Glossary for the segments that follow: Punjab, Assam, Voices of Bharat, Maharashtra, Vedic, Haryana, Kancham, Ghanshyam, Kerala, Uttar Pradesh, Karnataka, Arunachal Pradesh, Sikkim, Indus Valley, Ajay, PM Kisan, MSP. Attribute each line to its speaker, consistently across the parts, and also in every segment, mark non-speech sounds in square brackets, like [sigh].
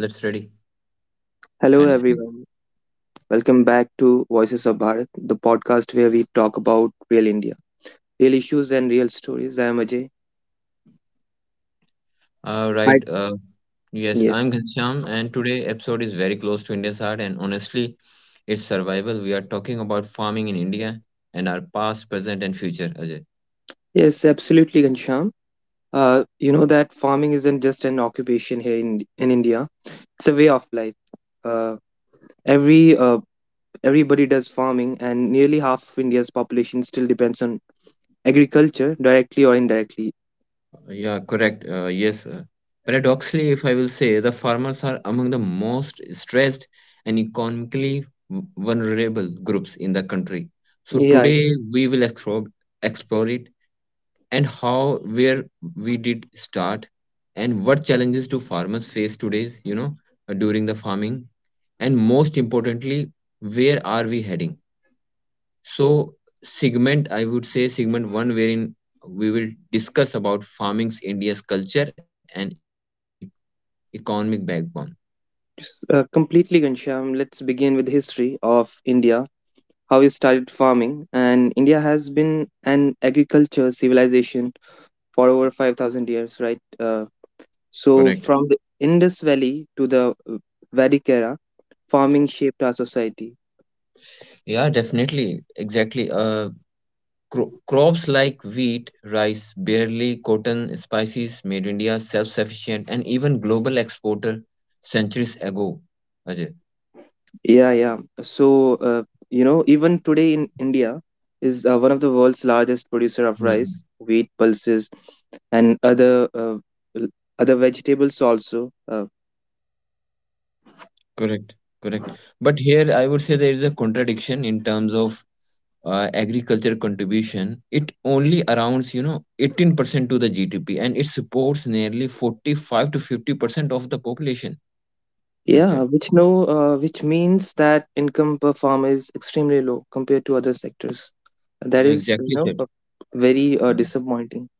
Speaker 1: Let's ready.
Speaker 2: Hello,
Speaker 1: Kindly speak.
Speaker 2: everyone. Welcome back to Voices of Bharat, the podcast where we talk about real India, real issues, and real stories. I am Ajay.
Speaker 1: All
Speaker 2: Hi.
Speaker 1: right. Yes,
Speaker 2: Yes.
Speaker 1: I'm Ghanshyam, and today episode is very close to India's heart, and honestly, it's survival. We are talking about farming in India and our past, present, and future. Ajay.
Speaker 2: Yes, absolutely, Gansham. You know that farming isn't just an occupation here in India, it's a way of life. Uh, every uh, Everybody does farming, and nearly half of India's population still depends on agriculture, directly or indirectly.
Speaker 1: Yeah, correct. Yes. Paradoxically, if I will say, the farmers are among the most stressed and economically vulnerable groups in the country. So
Speaker 2: Yeah,
Speaker 1: today we will explore it and how where we did start and what challenges do farmers face today's during the farming, and most importantly, where are we heading? So segment, I would say, segment 1 wherein we will discuss about farming's, India's culture and economic backbone.
Speaker 2: just, completely, Gansham. Let's begin with history of India how he started farming. And India has been an agriculture civilization for over 5,000 years, right? So,
Speaker 1: Correct.
Speaker 2: from the Indus Valley to the Vedic era, farming shaped our society.
Speaker 1: Yeah definitely exactly Crops like wheat, rice, barley, cotton, spices made India self sufficient and even global exporter centuries ago. Ajay.
Speaker 2: Yeah, yeah. So, uh, you know, even today in India is one of the world's largest producer of
Speaker 1: Mhm.
Speaker 2: rice, wheat, pulses, and other l- other vegetables also.
Speaker 1: Correct, correct. But here I would say there is a contradiction in terms of agriculture contribution. It only arounds, you know, 18% to the GDP, and it supports nearly 45 to 50% of the population
Speaker 2: Yeah,
Speaker 1: instead.
Speaker 2: which no, Which means that income per farm is extremely low compared to other sectors. That
Speaker 1: Yeah,
Speaker 2: is, you
Speaker 1: exactly
Speaker 2: know,
Speaker 1: said.
Speaker 2: a- very disappointing.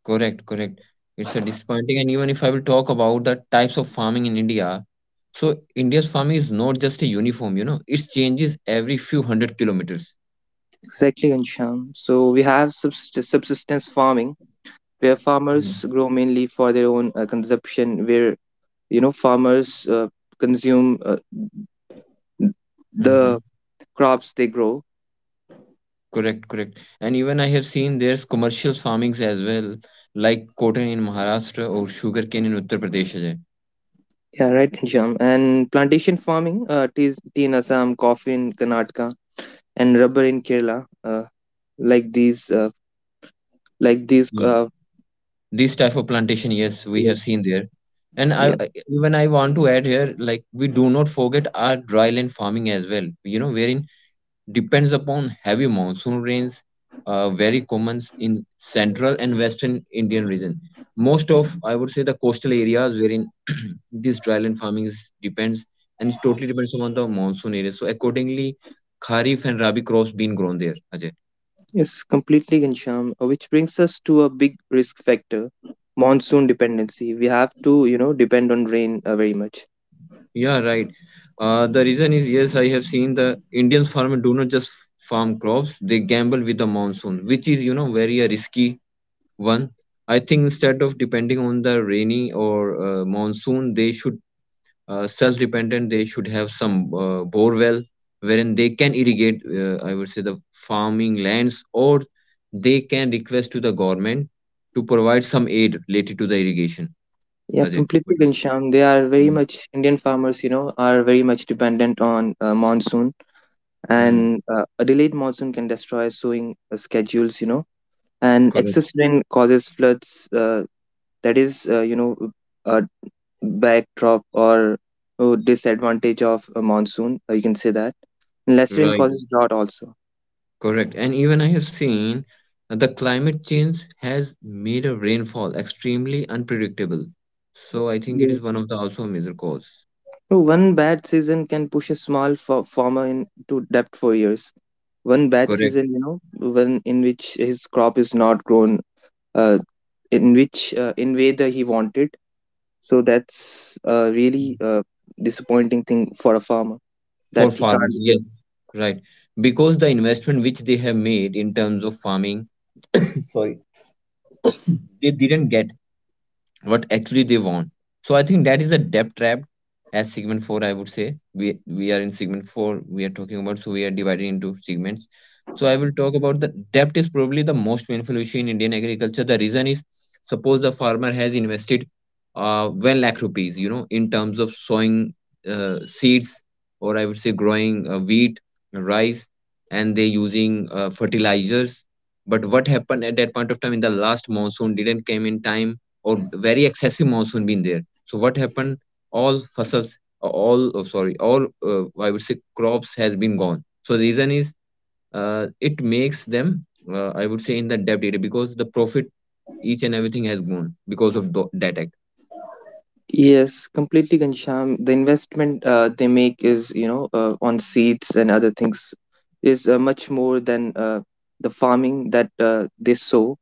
Speaker 1: Correct. It's a disappointing. And even if I will talk about the types of farming in India, so India's farming is not just a uniform, you know, it changes every few hundred kilometers.
Speaker 2: Exactly, Ansham. So we have subsistence farming, where farmers grow mainly for their own consumption. Where you know farmers consume
Speaker 1: Mm-hmm.
Speaker 2: the crops they grow.
Speaker 1: Correct. And even I have seen there's commercial farmings as well, like cotton in Maharashtra or sugarcane in Uttar Pradesh. Ajay.
Speaker 2: Yeah, right, Ansham. And plantation farming, tea in Assam, coffee in Karnataka, and rubber in Kerala. Like these. Like these
Speaker 1: Yeah. This type of plantation, yes, we have
Speaker 2: yes
Speaker 1: seen there. And
Speaker 2: yeah
Speaker 1: even I want to add here, like we do not forget our dryland farming as well. You know, wherein depends upon heavy monsoon rains, very common in central and western Indian region. Most of, I would say, the coastal areas wherein [clears throat] this dryland farming is, depends, and it totally depends upon the monsoon area. So accordingly, kharif and rabi crops being grown there. Ajay.
Speaker 2: yes Completely, Ghanshyam, which brings us to a big risk factor: monsoon dependency. We have to, you know, depend on rain very much.
Speaker 1: Yeah, right. The reason is, yes, I have seen the Indian farmers do not just farm crops; they gamble with the monsoon, which is very risky. One, I think instead of depending on the rainy or monsoon, they should self-dependent. They should have some bore well wherein they can irrigate. I would say the farming lands, or they can request to the government to provide some aid related to the irrigation.
Speaker 2: Yeah
Speaker 1: Ajay,
Speaker 2: completely,
Speaker 1: what do you
Speaker 2: Ghanshyam, they are very
Speaker 1: think?
Speaker 2: much, Indian farmers, you know, are very much dependent on monsoon,
Speaker 1: Mm. Mm,
Speaker 2: and a delayed monsoon can destroy sowing schedules, you know, and
Speaker 1: correct.
Speaker 2: excess rain causes floods. That is You know, a backdrop or disadvantage of a monsoon, you can say that. Lesser rain
Speaker 1: Right.
Speaker 2: causes drought also.
Speaker 1: Correct. And even I have seen that the climate change has made a rainfall extremely unpredictable. So I think it
Speaker 2: Yeah.
Speaker 1: is one of the also major cause.
Speaker 2: So one bad season can push a small farmer into debt for years. One bad
Speaker 1: Correct.
Speaker 2: season, you know, one in which his crop is not grown, uh, in way that he wanted. So that's a really disappointing thing for a farmer
Speaker 1: For
Speaker 2: that he
Speaker 1: farmers,
Speaker 2: can't. Uh,
Speaker 1: yes. Right. Because the investment which they have made in terms of farming, sorry, [coughs] they didn't get what actually they want. So I think that is a debt trap. As segment 4, I would say we are in segment 4. We are talking about, so we are divided into segments. So I will talk about the debt is probably the most painful issue in Indian agriculture. The reason is, suppose the farmer has invested one lakh rupees, you know, in terms of sowing seeds, or I would say growing wheat, rice, and they using fertilizers. But what happened at that point of time, in the last monsoon didn't came in time, or very excessive monsoon been there. So what happened, all fossils all oh, sorry all I would say crops has been gone. So the reason is, it makes them, I would say, in the debt area, because the profit, each and everything has gone because of that act.
Speaker 2: yes, completely, Gansham. The investment they make is, you know, on seeds and other things is much more than the farming that they sow,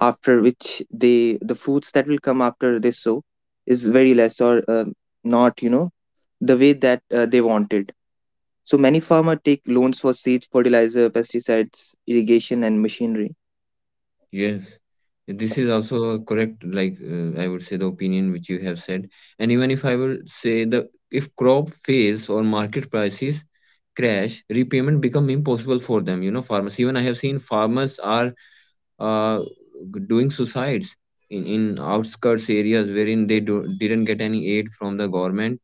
Speaker 2: after which they, the fruits that will come after they sow, is very less or not, you know, the way that they wanted. So many farmers take loans for seeds, fertilizer, pesticides, irrigation, and machinery.
Speaker 1: Yes, this is also correct, like, I would say the opinion which you have said. And even if I will say, the if crop fails or market prices crash, repayment become impossible for them. You know, farmers, even I have seen farmers are uh, doing suicides in outskirts areas wherein they didn't get any aid from the government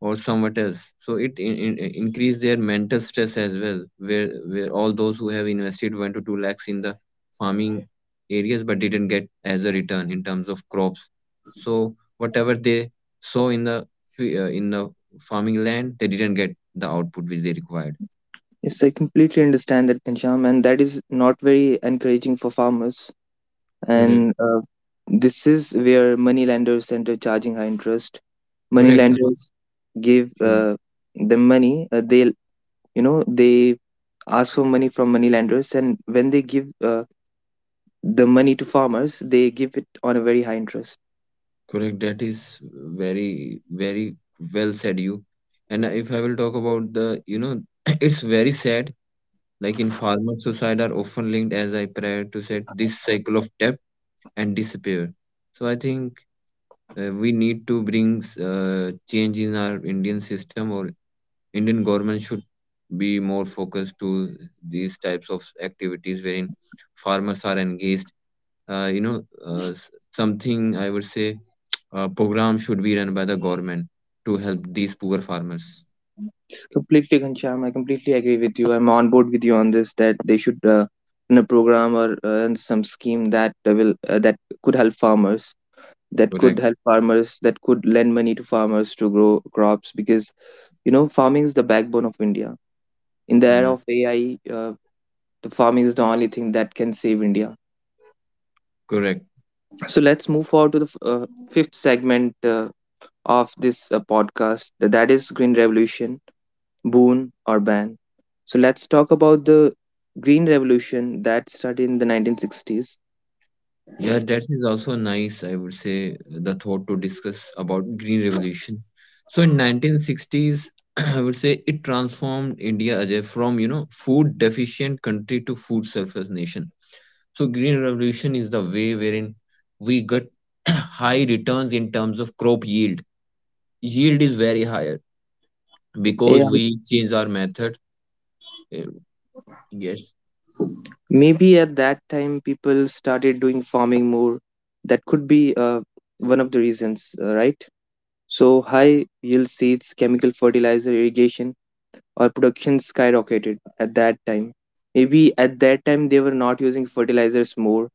Speaker 1: or somewhat else. So it increased their mental stress as well, where all those who have invested 1 to 2 lakhs in the farming areas but didn't get as a return in terms of crops. So whatever they sow in the farming land, they didn't get the output which they required.
Speaker 2: Yes, I completely understand that, Gansham, and that is not very encouraging for farmers,
Speaker 1: Correct.
Speaker 2: and this is where money lenders enter, charging high interest. Money
Speaker 1: Correct.
Speaker 2: lenders give
Speaker 1: Uh,
Speaker 2: them money, they, you know, they ask for money from money lenders, and when they give the money to farmers, they give it on a very high interest.
Speaker 1: Correct. That is very, very well said you. And if I will talk about the, you know, [clears throat] it's very sad. Like in farmers, suicide are often linked, as I prior to said, this cycle of debt and disappear. So I think we need to bring change in our Indian system, or Indian government should be more focused to these types of activities wherein farmers are engaged, something I would say program should be run by the government to help these poor farmers.
Speaker 2: It's completely Ghanshyam, I completely agree with you, I'm on board with you on this, that they should, in a program or some scheme that will could help farmers that could
Speaker 1: Correct.
Speaker 2: help farmers, that could lend money to farmers to grow crops, because you know farming is the backbone of India in the era
Speaker 1: Mm,
Speaker 2: of AI. uh, the farming is the only thing that can save India.
Speaker 1: correct.
Speaker 2: So let's move forward to the fifth segment of this podcast, that is green revolution, boon or ban. So let's talk about the green revolution that started in the 1960s.
Speaker 1: Yeah, that is also nice, I would say, the thought to discuss about green revolution. So in 1960s, [clears throat] I would say it transformed India, Ajay, from, you know, food deficient country to food surplus nation. So green revolution is the way wherein we get [clears throat] high returns in terms of crop yield. Yield is very higher because we change our method. eh, Yes,
Speaker 2: Maybe at that time people started doing farming more. That could be one of the reasons, right? So high yield seeds, chemical fertilizer, irrigation, or production skyrocketed at that time. Maybe at that time they were not using fertilizers more.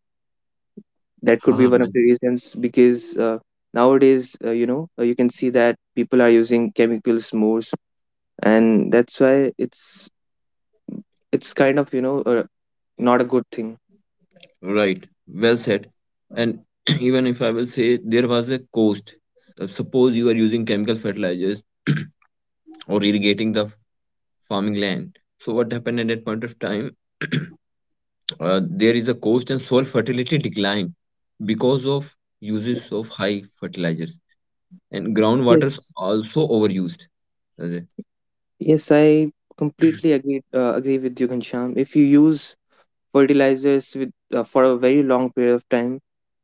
Speaker 2: That could be
Speaker 1: ah,
Speaker 2: one of the reasons, because nowadays, you know, you can see that people are using chemicals more, and that's why it's kind of, you know, not a good thing.
Speaker 1: right, right, well said. And [clears throat] even if I will say there was a cost. Suppose you are using chemical fertilizers [clears throat] or irrigating the farming land. So what happened at that point of time? [clears throat] Uh, there is a cost and soil fertility decline because of uses of high fertilizers, and groundwaters
Speaker 2: Yes,
Speaker 1: also overused. uh,
Speaker 2: Yes, I completely agree with you, Ghanshyam. If you use fertilizers with for a very long period of time,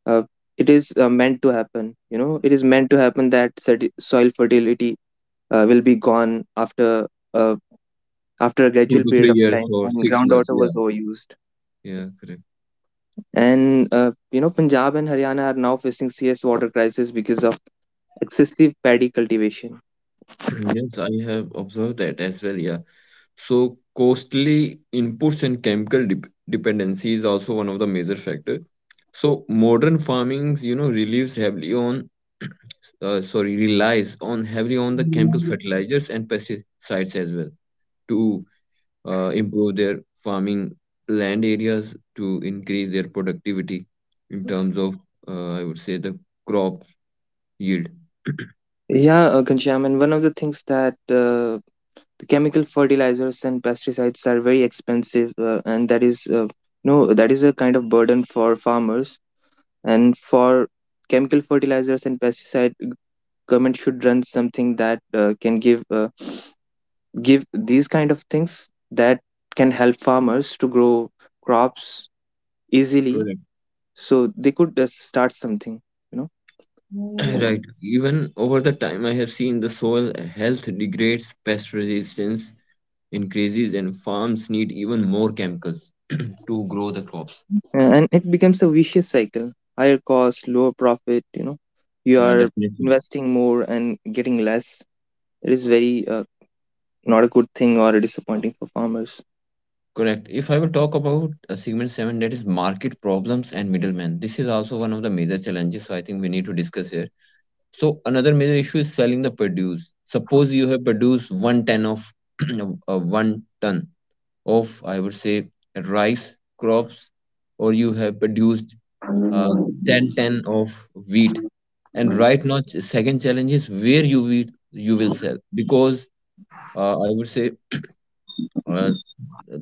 Speaker 2: uh, it is meant to happen. You know, it is meant to happen that soil fertility will be gone after uh, after a
Speaker 1: Two
Speaker 2: gradual
Speaker 1: to
Speaker 2: period
Speaker 1: three
Speaker 2: of
Speaker 1: years
Speaker 2: time,
Speaker 1: or
Speaker 2: and
Speaker 1: 6 months.
Speaker 2: groundwater
Speaker 1: Yeah,
Speaker 2: was overused.
Speaker 1: yeah, correct.
Speaker 2: And, you know, Punjab and Haryana are now facing serious water crisis because of excessive paddy cultivation.
Speaker 1: Yes, I have observed that as well. Yeah. So costly inputs and chemical dependency is also one of the major factor. So modern farming, you know, relies heavily on, [clears throat] relies on heavily on the chemical fertilizers and pesticides as well to improve their farming land areas to increase their productivity in terms of, I would say, the crop yield. [clears throat]
Speaker 2: Yeah, Ghanshyam, and one of the things that the chemical fertilizers and pesticides are very expensive, and that is no, that is a kind of burden for farmers. And for chemical fertilizers and pesticide, government should run something that can give give these kind of things that can help farmers to grow crops easily,
Speaker 1: Correct.
Speaker 2: so they could just start something, you
Speaker 1: [coughs] [clears throat]
Speaker 2: know.
Speaker 1: Right. Even over the time, I have seen the soil health degrades, pest resistance increases, and farms need even more chemicals [coughs] [clears throat] to grow the crops.
Speaker 2: And it becomes a vicious cycle: higher cost, lower profit. You know, you
Speaker 1: Yeah,
Speaker 2: are
Speaker 1: definitely.
Speaker 2: investing more and getting less. It is very not a good thing or disappointing for farmers.
Speaker 1: Correct. If I will talk about segment 7, that is market problems and middlemen. This is also one of the major challenges. So I think we need to discuss here. So another major issue is selling the produce. Suppose you have produced 1 ton of [coughs] [clears throat] 1 ton of, I would say, rice crops, or you have produced uh, 10 10 of wheat, and right now second challenge is where you will, you will sell, because, I would say uh,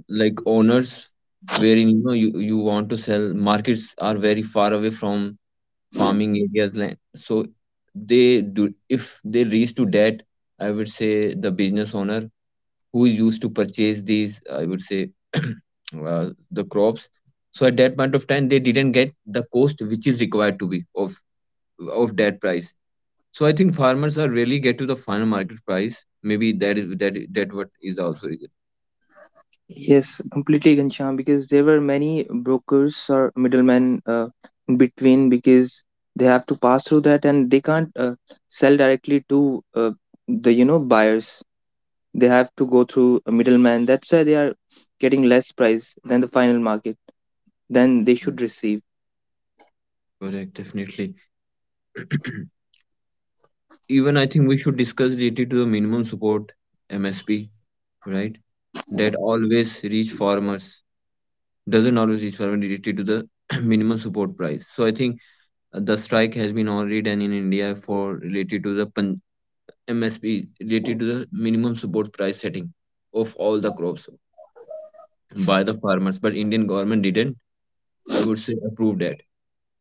Speaker 1: like owners wherein, you know, you want to sell, markets are very far away from farming areas land. So they do, if they reach to that, I would say, the business owner who used to purchase these, I would say, [clears throat] the crops, so at that point of time they didn't get the cost which is required to be of that price. So I think farmers are really get to the final market price. Maybe that is that is- that what is also reason.
Speaker 2: Yes, completely, Ghanshyam, because there were many brokers or middlemen in between, because they have to pass through that and they can't sell directly to the, you know, buyers. They have to go through a middleman. That's why they are getting less price than the final market than they should receive.
Speaker 1: Correct, definitely. [clears throat] Even I think we should discuss related to the minimum support MSP, right? That always reach farmers doesn't always reach farmers related to the [clears throat] minimum support price. So I think the strike has been already done in India for related to the MSP related to the minimum support price setting of all the crops by the farmers, but Indian government didn't, I would say, approved at.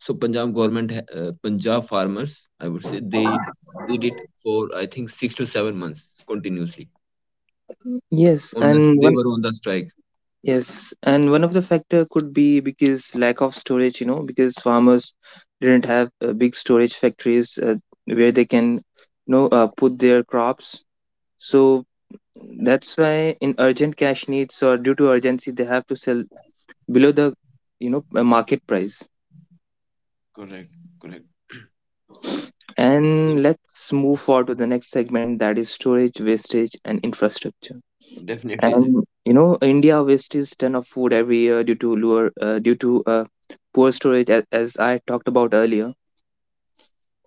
Speaker 1: So Punjab government, Punjab farmers, I would say, they did it for, I think, 6 to 7 months continuously.
Speaker 2: Yes,
Speaker 1: On us,
Speaker 2: and
Speaker 1: they
Speaker 2: one
Speaker 1: were on the strike.
Speaker 2: Yes, and one of the factor could be because lack of storage, you know, because farmers didn't have big storage factories where they can, you know, put their crops. So that's why in urgent cash needs or due to urgency, they have to sell below the, you know, market price.
Speaker 1: Correct, correct. Yeah,
Speaker 2: And let's move forward to the next segment, that is storage, wastage, and infrastructure.
Speaker 1: definitely. Ajay.
Speaker 2: And you know, India wastes ton of food every year due to poor storage, as I talked about earlier.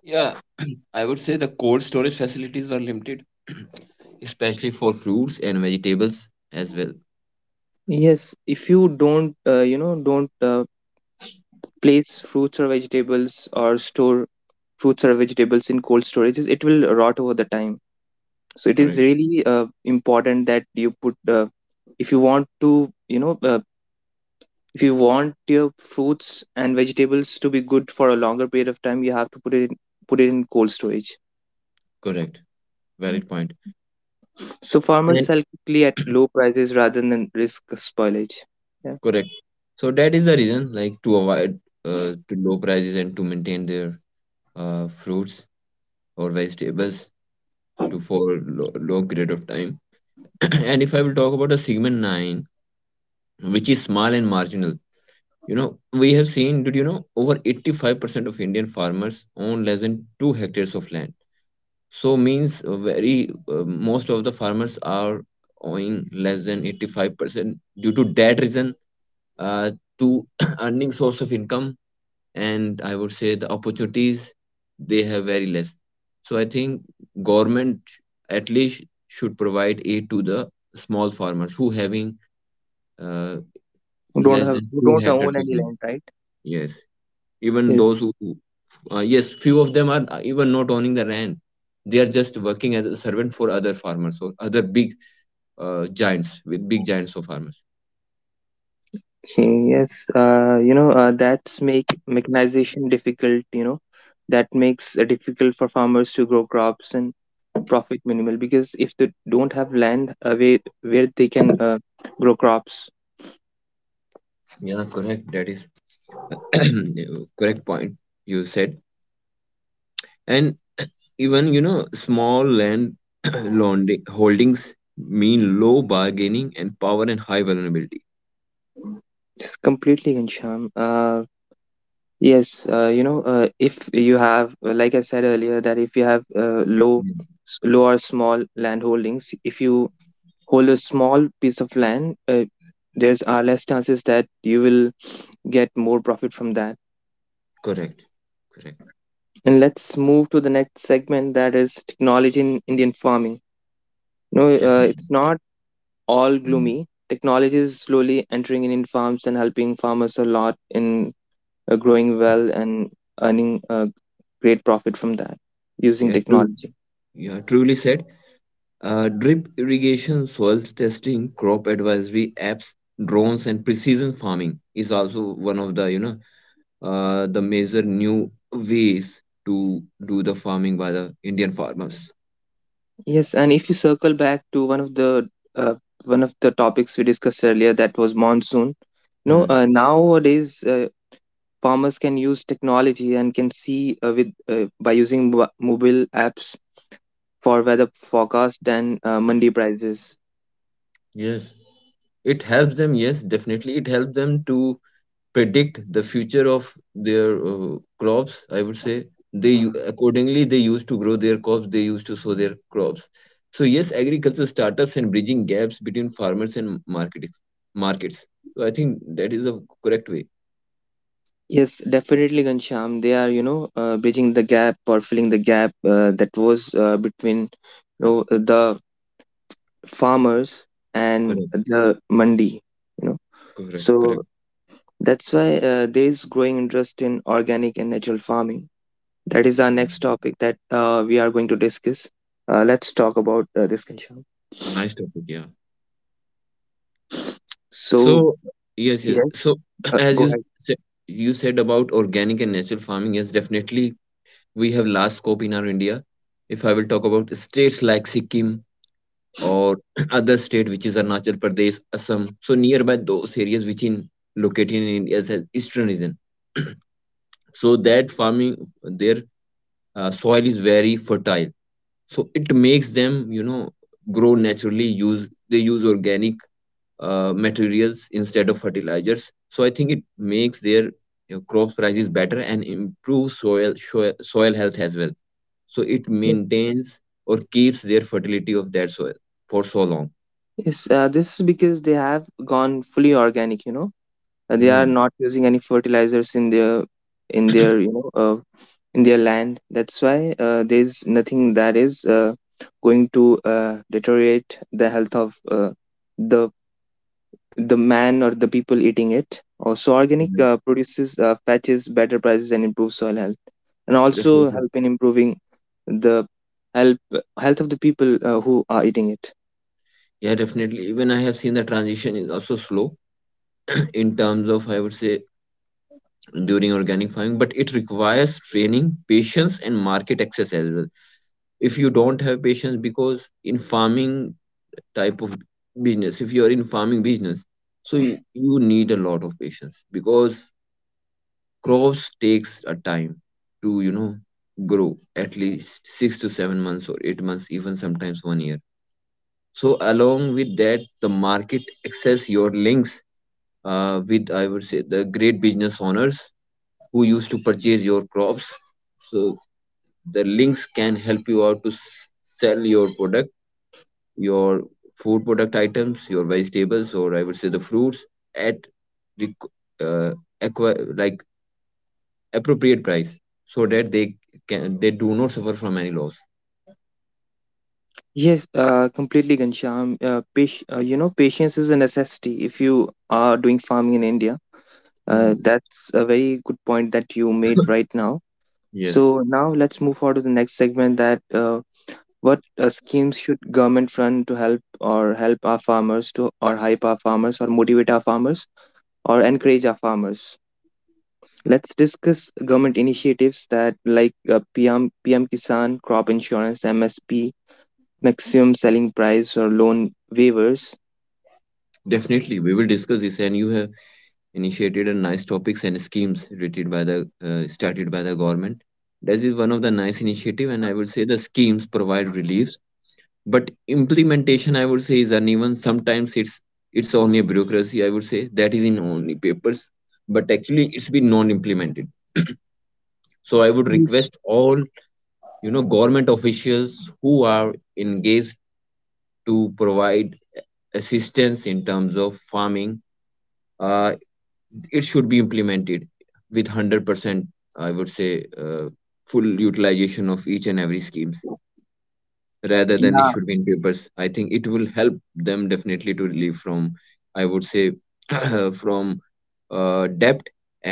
Speaker 1: Yeah, [clears throat] I would say the cold storage facilities were limited. [clears throat] Especially for fruits and vegetables as well.
Speaker 2: Yes, if you don't, you know, don't place fruits or vegetables or store fruits or vegetables in cold storages, it will rot over the time. So it is
Speaker 1: Correct.
Speaker 2: really important that you put, if you want to, you know, if you want your fruits and vegetables to be good for a longer period of time, you have to put it in cold storage.
Speaker 1: Correct. Valid point.
Speaker 2: So farmers
Speaker 1: And
Speaker 2: sell quickly at low prices rather than risk spoilage. Yeah,
Speaker 1: correct. So that is the reason, like to avoid to low prices and to maintain their fruits or vegetables to for long period of time. [clears throat] And if I will talk about the segment 9, which is small and marginal, you know, we have seen, did you know, over 85% of Indian farmers own less than 2 hectares of land. So means very most of the farmers are owing less than 85% due to that reason, uh, to [clears throat] earning source of income. And I would say the opportunities they have very less. So I think government at least should provide aid to the small farmers who having uh, less than
Speaker 2: who
Speaker 1: 2
Speaker 2: don't own
Speaker 1: hectares of
Speaker 2: any
Speaker 1: land.
Speaker 2: land, right?
Speaker 1: Yes, even
Speaker 2: Yes,
Speaker 1: those who yes, few of them are even not owning the land. They are just working as a servant for other farmers or other big, giants, with big giants of farmers.
Speaker 2: okay, yes. That's make mechanization difficult. You know that makes it difficult for farmers to grow crops, and profit minimal, because if they don't have land where they can grow crops,
Speaker 1: Yeah, correct, that is [clears throat] correct point you said. And even, small land [clears throat] holdings mean low bargaining and power and high vulnerability.
Speaker 2: it's completely Gansham. Yes, you know, if you have, like I said earlier, that if you have
Speaker 1: Mm,
Speaker 2: low or small land holdings, if you hold a small piece of land, there's are less chances that you will get more profit from that.
Speaker 1: Correct. Correct.
Speaker 2: And let's move to the next segment, that is technology in Indian farming. No,
Speaker 1: Definitely.
Speaker 2: it's not all
Speaker 1: Mm.
Speaker 2: gloomy. Technology is slowly entering Indian farms and helping farmers a lot in growing well and earning a great profit from that using
Speaker 1: Yeah, true.
Speaker 2: technology.
Speaker 1: Yeah, truly said. Drip irrigation, soil testing, crop advisory apps, drones, and precision farming is also one of the, the major new ways to do the farming by the Indian farmers.
Speaker 2: Yes, and if you circle back to uh, one of the topics we discussed earlier, that was monsoon. No,
Speaker 1: Hmm.
Speaker 2: nowadays farmers can use technology and can see with by using mobile apps for weather forecast and mandi prices.
Speaker 1: Yes. It helps them, yes, definitely. It helps them to predict the future of their crops, I would say. They accordingly they used to grow their crops, they used to sow their crops. So yes, agriculture startups and bridging gaps between farmers and markets. So I think that is a correct way.
Speaker 2: Yes, definitely, Gansham. They are, you know, bridging the gap or filling the gap that was between, you know, the farmers and
Speaker 1: Correct,
Speaker 2: the mandi. You know,
Speaker 1: correct,
Speaker 2: so
Speaker 1: correct.
Speaker 2: that's why there is growing interest in organic and natural farming. That is our next topic that we are going to discuss. Let's talk about this, Kancham.
Speaker 1: Nice topic. Yeah. So,
Speaker 2: So,
Speaker 1: yes, yes.
Speaker 2: yes,
Speaker 1: So [clears throat] as
Speaker 2: go ahead.
Speaker 1: said you said about organic and natural farming, yes, definitely, we have large scope in our India. If I will talk about states like Sikkim or [clears throat] other state which is Arunachal Pradesh, Assam. So nearby those areas which in located in India's eastern region. So that farming, their soil is very fertile. So it makes them, you know, grow naturally. Use, they use organic materials instead of fertilizers. So I think it makes their, you know, crop prices better and improves soil health as well. So it
Speaker 2: Yeah.
Speaker 1: maintains or keeps their fertility of that soil for so long.
Speaker 2: Yes, this is because they have gone fully organic. You know, they are
Speaker 1: Hmm.
Speaker 2: not using any fertilizers in their in their you know uh, in their land. That's why there is nothing that is going to deteriorate the health of the the man or the people eating it. Also, organic produces fetches better prices and improves soil health, and also
Speaker 1: Definitely.
Speaker 2: help in improving the help health of the people who are eating it.
Speaker 1: Yeah, definitely. Even I have seen the transition is also slow [clears throat] in terms of, I would say, during organic farming, but it requires training, patience, and market access as well. If you don't have patience, because in farming type of business, if you are in farming business, so you need a lot of patience because crops takes a time to, you know, grow at least 6 to 7 months or 8 months, even sometimes 1 year. So along with that, the market access, your links with, I would say, the great business owners who used to purchase your crops. So the links can help you out to sell your product, your food product items, your vegetables, or I would say the fruits at requ- uh, like appropriate price, so that they can, they do not suffer from any loss.
Speaker 2: Yes, completely, Gansham. You know, patience is a necessity if you are doing farming in India.
Speaker 1: Hmm.
Speaker 2: That's a very good point that you made right now.
Speaker 1: Yes,
Speaker 2: So now let's move on to the next segment that what schemes should government run to help or help our farmers to or hype our farmers or motivate our farmers or encourage our farmers? Let's discuss government initiatives that like PM Kisan, crop insurance, MSP, maximum selling price, or loan waivers.
Speaker 1: definitely. We will discuss this, and you have initiated a nice topics and schemes rated by the, started by the government. That is one of the nice initiative, and I would say the schemes provide reliefs, but implementation, I would say, is uneven. Sometimes it's only a bureaucracy, I would say, that is in only papers, but actually it's been non-implemented. So I would
Speaker 2: Yes.
Speaker 1: request all, you know, government officials who are engaged to provide assistance in terms of farming. uh, it should be implemented with 100%, I would say, full utilization of each and every schemes rather than it
Speaker 2: Yeah.
Speaker 1: should be in papers. I think it will help them, definitely, to relieve from, I would say, [clears throat] from debt.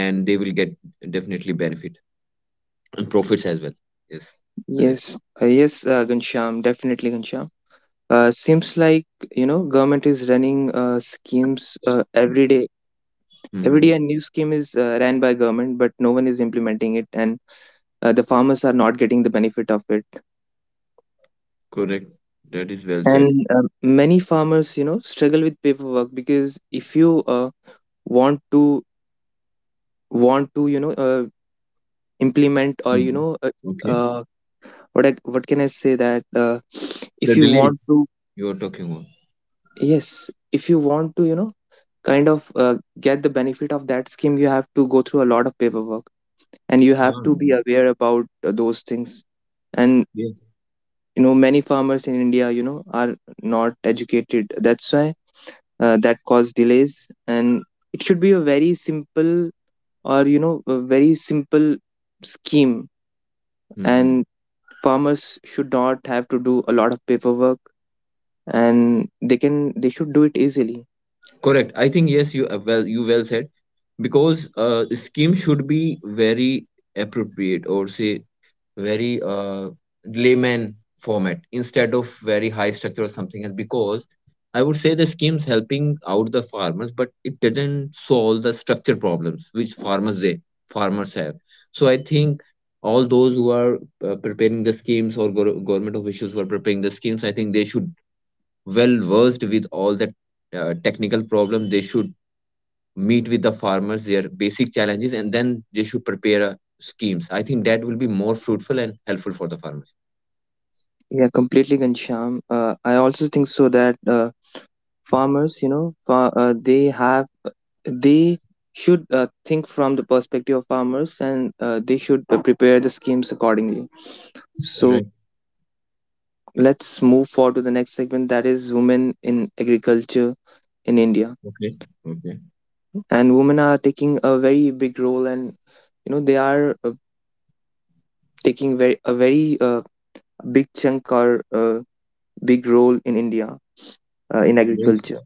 Speaker 1: And they will get definitely benefit and profits as well. Yes, Ajay.
Speaker 2: Yes. Yes. Gansham. Definitely, Gansham. Seems like government is running schemes every day,
Speaker 1: Hmm.
Speaker 2: a new scheme is ran by government, but no one is implementing it, and the farmers are not getting the benefit of it.
Speaker 1: Correct, that is well said.
Speaker 2: And many farmers struggle with paperwork because if you want to want to you know uh, implement or
Speaker 1: Mhm. Okay.
Speaker 2: uh, what can I say that if
Speaker 1: The
Speaker 2: you want
Speaker 1: delays
Speaker 2: to,
Speaker 1: you are talking about.
Speaker 2: yes, if you want to, kind of get the benefit of that scheme, you have to go through a lot of paperwork, and you have
Speaker 1: Huh.
Speaker 2: to be aware about those things. And
Speaker 1: Yes.
Speaker 2: many farmers in india, are not educated. That's why that cause delays. And it should be a very simple, or you know a very simple scheme,
Speaker 1: Hmm.
Speaker 2: and farmers should not have to do a lot of paperwork, and they should do it easily.
Speaker 1: Correct. I think yes, you well, you well said, because the scheme should be very appropriate, or say very layman format instead of very high structure or something else, because I would say the schemes helping out the farmers, but it doesn't solve the structure problems which farmers have. So I think all those who are preparing the schemes or government officials who are preparing the schemes, I think they should well versed with all the technical problems. They should meet with the farmers, their basic challenges, and then they should prepare schemes. I think that will be more fruitful and helpful for the farmers.
Speaker 2: Yeah, completely, gansham. I also think so that farmers, they should think from the perspective of farmers, and they should prepare the schemes accordingly. So
Speaker 1: Correct.
Speaker 2: let's move forward to the next segment, that is women in agriculture in india.
Speaker 1: Okay. Okay.
Speaker 2: And women are taking a very big role, and they are taking very a very big chunk, or big role in india in
Speaker 1: Yes.
Speaker 2: agriculture.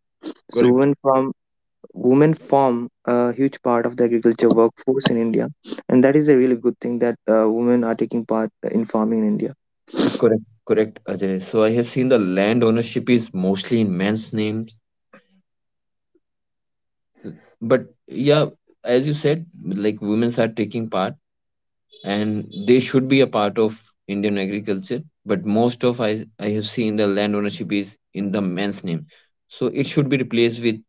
Speaker 2: So
Speaker 1: Correct.
Speaker 2: women form a huge part of the agriculture workforce in India, and that is a really good thing that women are taking part in farming in India.
Speaker 1: Correct, correct, Ajay. So I have seen the land ownership is mostly in men's names, but yeah, as you said, like women's are taking part, and they should be a part of Indian agriculture. But most of, I have seen the land ownership is in the man's name, so it should be replaced with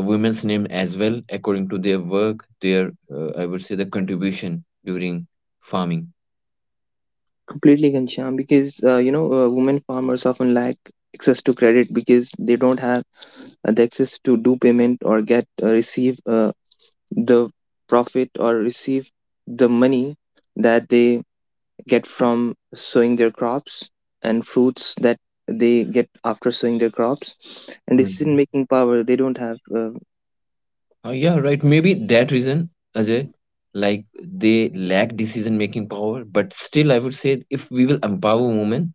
Speaker 1: a woman's name as well, according to their work, their, I would say, the contribution during farming.
Speaker 2: Completely, Ghanshyam, because women farmers often lack access to credit, because they don't have the access to do payment or get, receive, the profit, or receive the money that they get from sowing their crops and fruits that they get after sowing their crops. And decision
Speaker 1: Mhm.
Speaker 2: making power they don't have,
Speaker 1: Yeah, right. Maybe that reason, Ajay, like they lack decision making power. But still, I would say if we will empower women,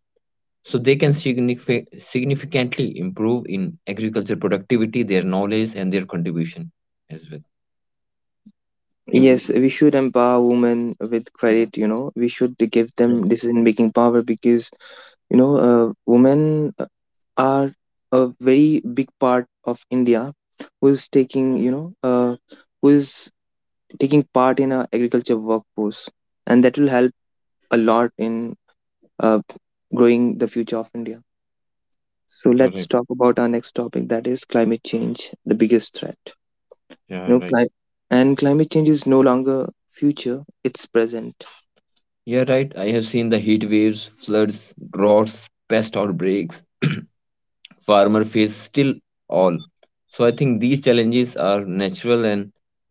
Speaker 1: so they can significantly improve in agriculture productivity, their knowledge and their contribution as well.
Speaker 2: yes, we should empower women with credit. You know, we should give them
Speaker 1: Correct.
Speaker 2: decision making power, because women are a very big part of India, who's taking you know, uh, who's taking part in our agriculture workforce, and that will help a lot in uh, growing the future of India. So let's
Speaker 1: Correct.
Speaker 2: talk about our next topic, that is climate change, the biggest threat. You
Speaker 1: Yeah,
Speaker 2: know,
Speaker 1: right.
Speaker 2: climate change is no longer future; it's present.
Speaker 1: Yeah, right, I have seen the heat waves, floods, droughts, pest outbreaks [clears throat] farmer face still all. So I think these challenges are natural and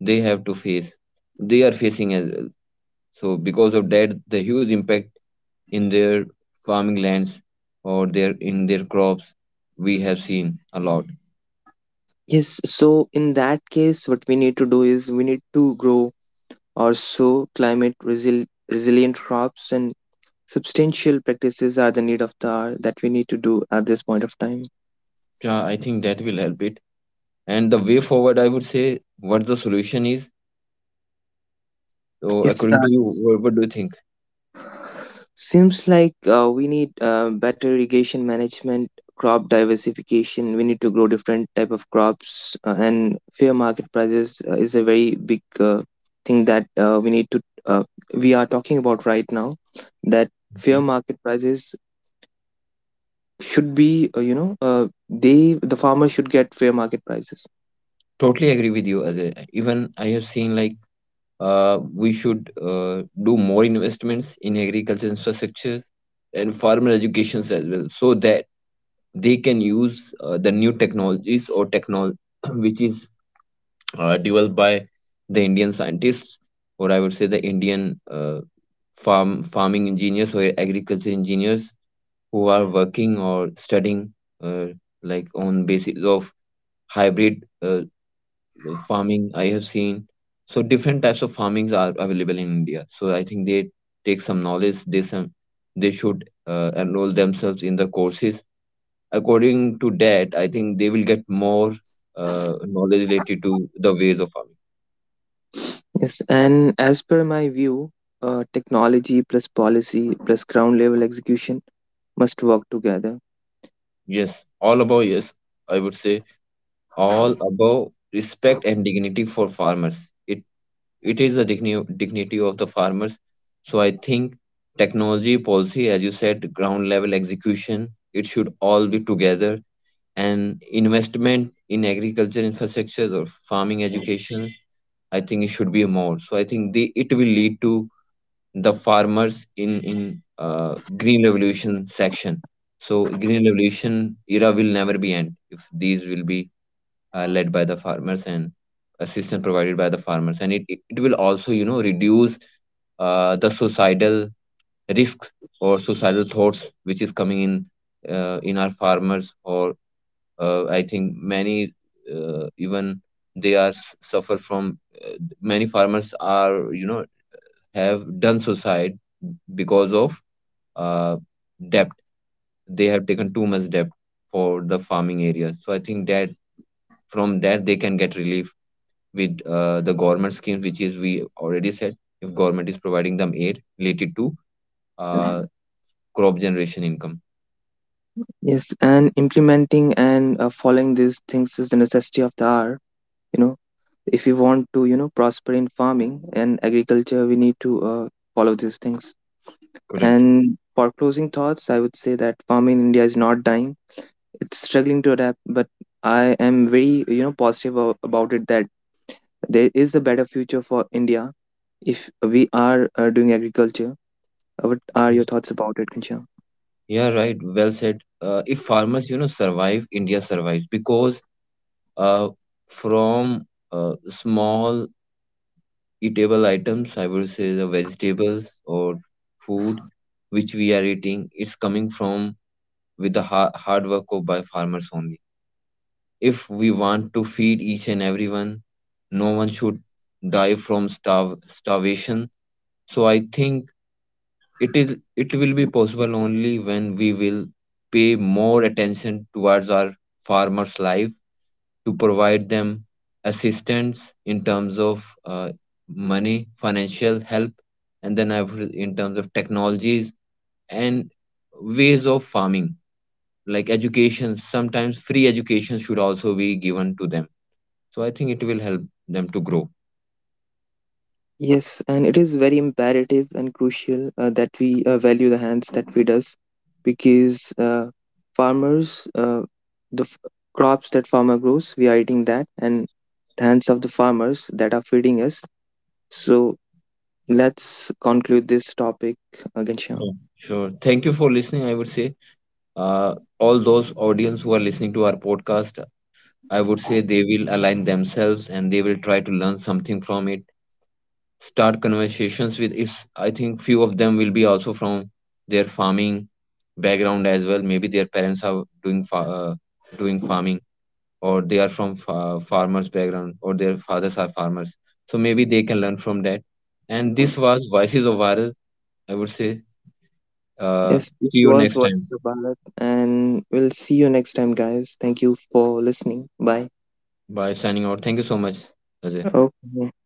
Speaker 1: they have to face, they are facing as well. So because of that, the huge impact in their farming lands or their, in their crops, we have seen a lot.
Speaker 2: Yes, so in that case, what we need to do is we need to grow or sow resilient crops, and substantial practices are the need of the hour that we need to do at this point of time.
Speaker 1: Yeah, I think that will help it. And the way forward, I would say, what the solution is. So,
Speaker 2: Yes,
Speaker 1: according to you, what do you think?
Speaker 2: seems like we need better irrigation management, crop diversification. We need to grow different type of crops, and fair market prices is a very big thing that we need to, we are talking about right now. That fair
Speaker 1: Okay.
Speaker 2: market prices should be the farmers should get fair market prices.
Speaker 1: Totally agree with you, Ajay. Even I have seen like we should do more investments in agriculture infrastructures and farmer educations as well, so that they can use the new technologies or technology [clears throat] which is developed by the Indian scientists, or I would say the Indian, farming engineers or agriculture engineers who are working or studying uh, like on basis of hybrid farming. I have seen so different types of farmings are available in India. So I think they take some knowledge. They some, they should enroll themselves in the courses. According to that, I think they will get more knowledge related to the ways of farming.
Speaker 2: Yes, and as per my view, technology plus policy plus ground level execution must work together.
Speaker 1: Yes, all above, yes. I would say all above respect and dignity for farmers. It is the dignity of the farmers. So I think technology policy, as you said, ground level execution, it should all be together. And investment in agriculture infrastructures or farming education, I think it should be more. So I think the, it will lead to the farmers in green revolution section. So green revolution era will never be end if these will be led by the farmers and assistance provided by the farmers. And it will also, you know, reduce the societal risks or societal thoughts which is coming in our farmers, or I think many even they are suffer from, uh, many farmers are, you know, have done suicide because of uh, debt. They have taken too much debt for the farming area. So I think that from that they can get relief with the government schemes, which is we already said, if government is providing them aid related to uh, crop generation income.
Speaker 2: Yes, and implementing and following these things is the necessity of the hour. You know, if we want to, prosper in farming and agriculture, we need to follow these things.
Speaker 1: Correct.
Speaker 2: And for closing thoughts, I would say that farming in india is not dying, it's struggling to adapt. But I am very, positive about it, that there is a better future for india if we are doing agriculture. What are your
Speaker 1: Yes.
Speaker 2: thoughts about it, kancha?
Speaker 1: Yeah, right. Well said. If farmers, you know, survive, India survives, because uh, from small eatable items, I would say the vegetables or food which we are eating, it's coming from with the hard work of by farmers only. If we want to feed each and everyone, no one should die from starvation. So I think it is, it will be possible only when we will pay more attention towards our farmers' life to provide them assistance in terms of money, financial help, and then I've in terms of technologies and ways of farming, like education. Sometimes free education should also be given to them. So I think it will help them to grow.
Speaker 2: Yes, and it is very imperative and crucial that we value the hands that feed us, because uh, farmers, uh, the f- crops that farmer grows we are eating that, and the hands of the farmers that are feeding us. So let's conclude this topic, Ghanshyam.
Speaker 1: Yeah. Sure. Thank you for listening. I would say all those audience who are listening to our podcast, I would say they will align themselves and they will try to learn something from it. Start conversations with, if I think few of them will be also from their farming background as well. Maybe their parents are doing doing farming, or they are from farmers background, or their fathers are farmers. So maybe they can learn from that. And this was Voices of Viral. I would say uh,
Speaker 2: Yes,
Speaker 1: see
Speaker 2: this
Speaker 1: you
Speaker 2: was
Speaker 1: next time.
Speaker 2: Voices of Bharat, and we'll see you next time, guys. Thank you for listening. Bye.
Speaker 1: Bye. Signing out, thank you so much, Ajay.
Speaker 2: Okay.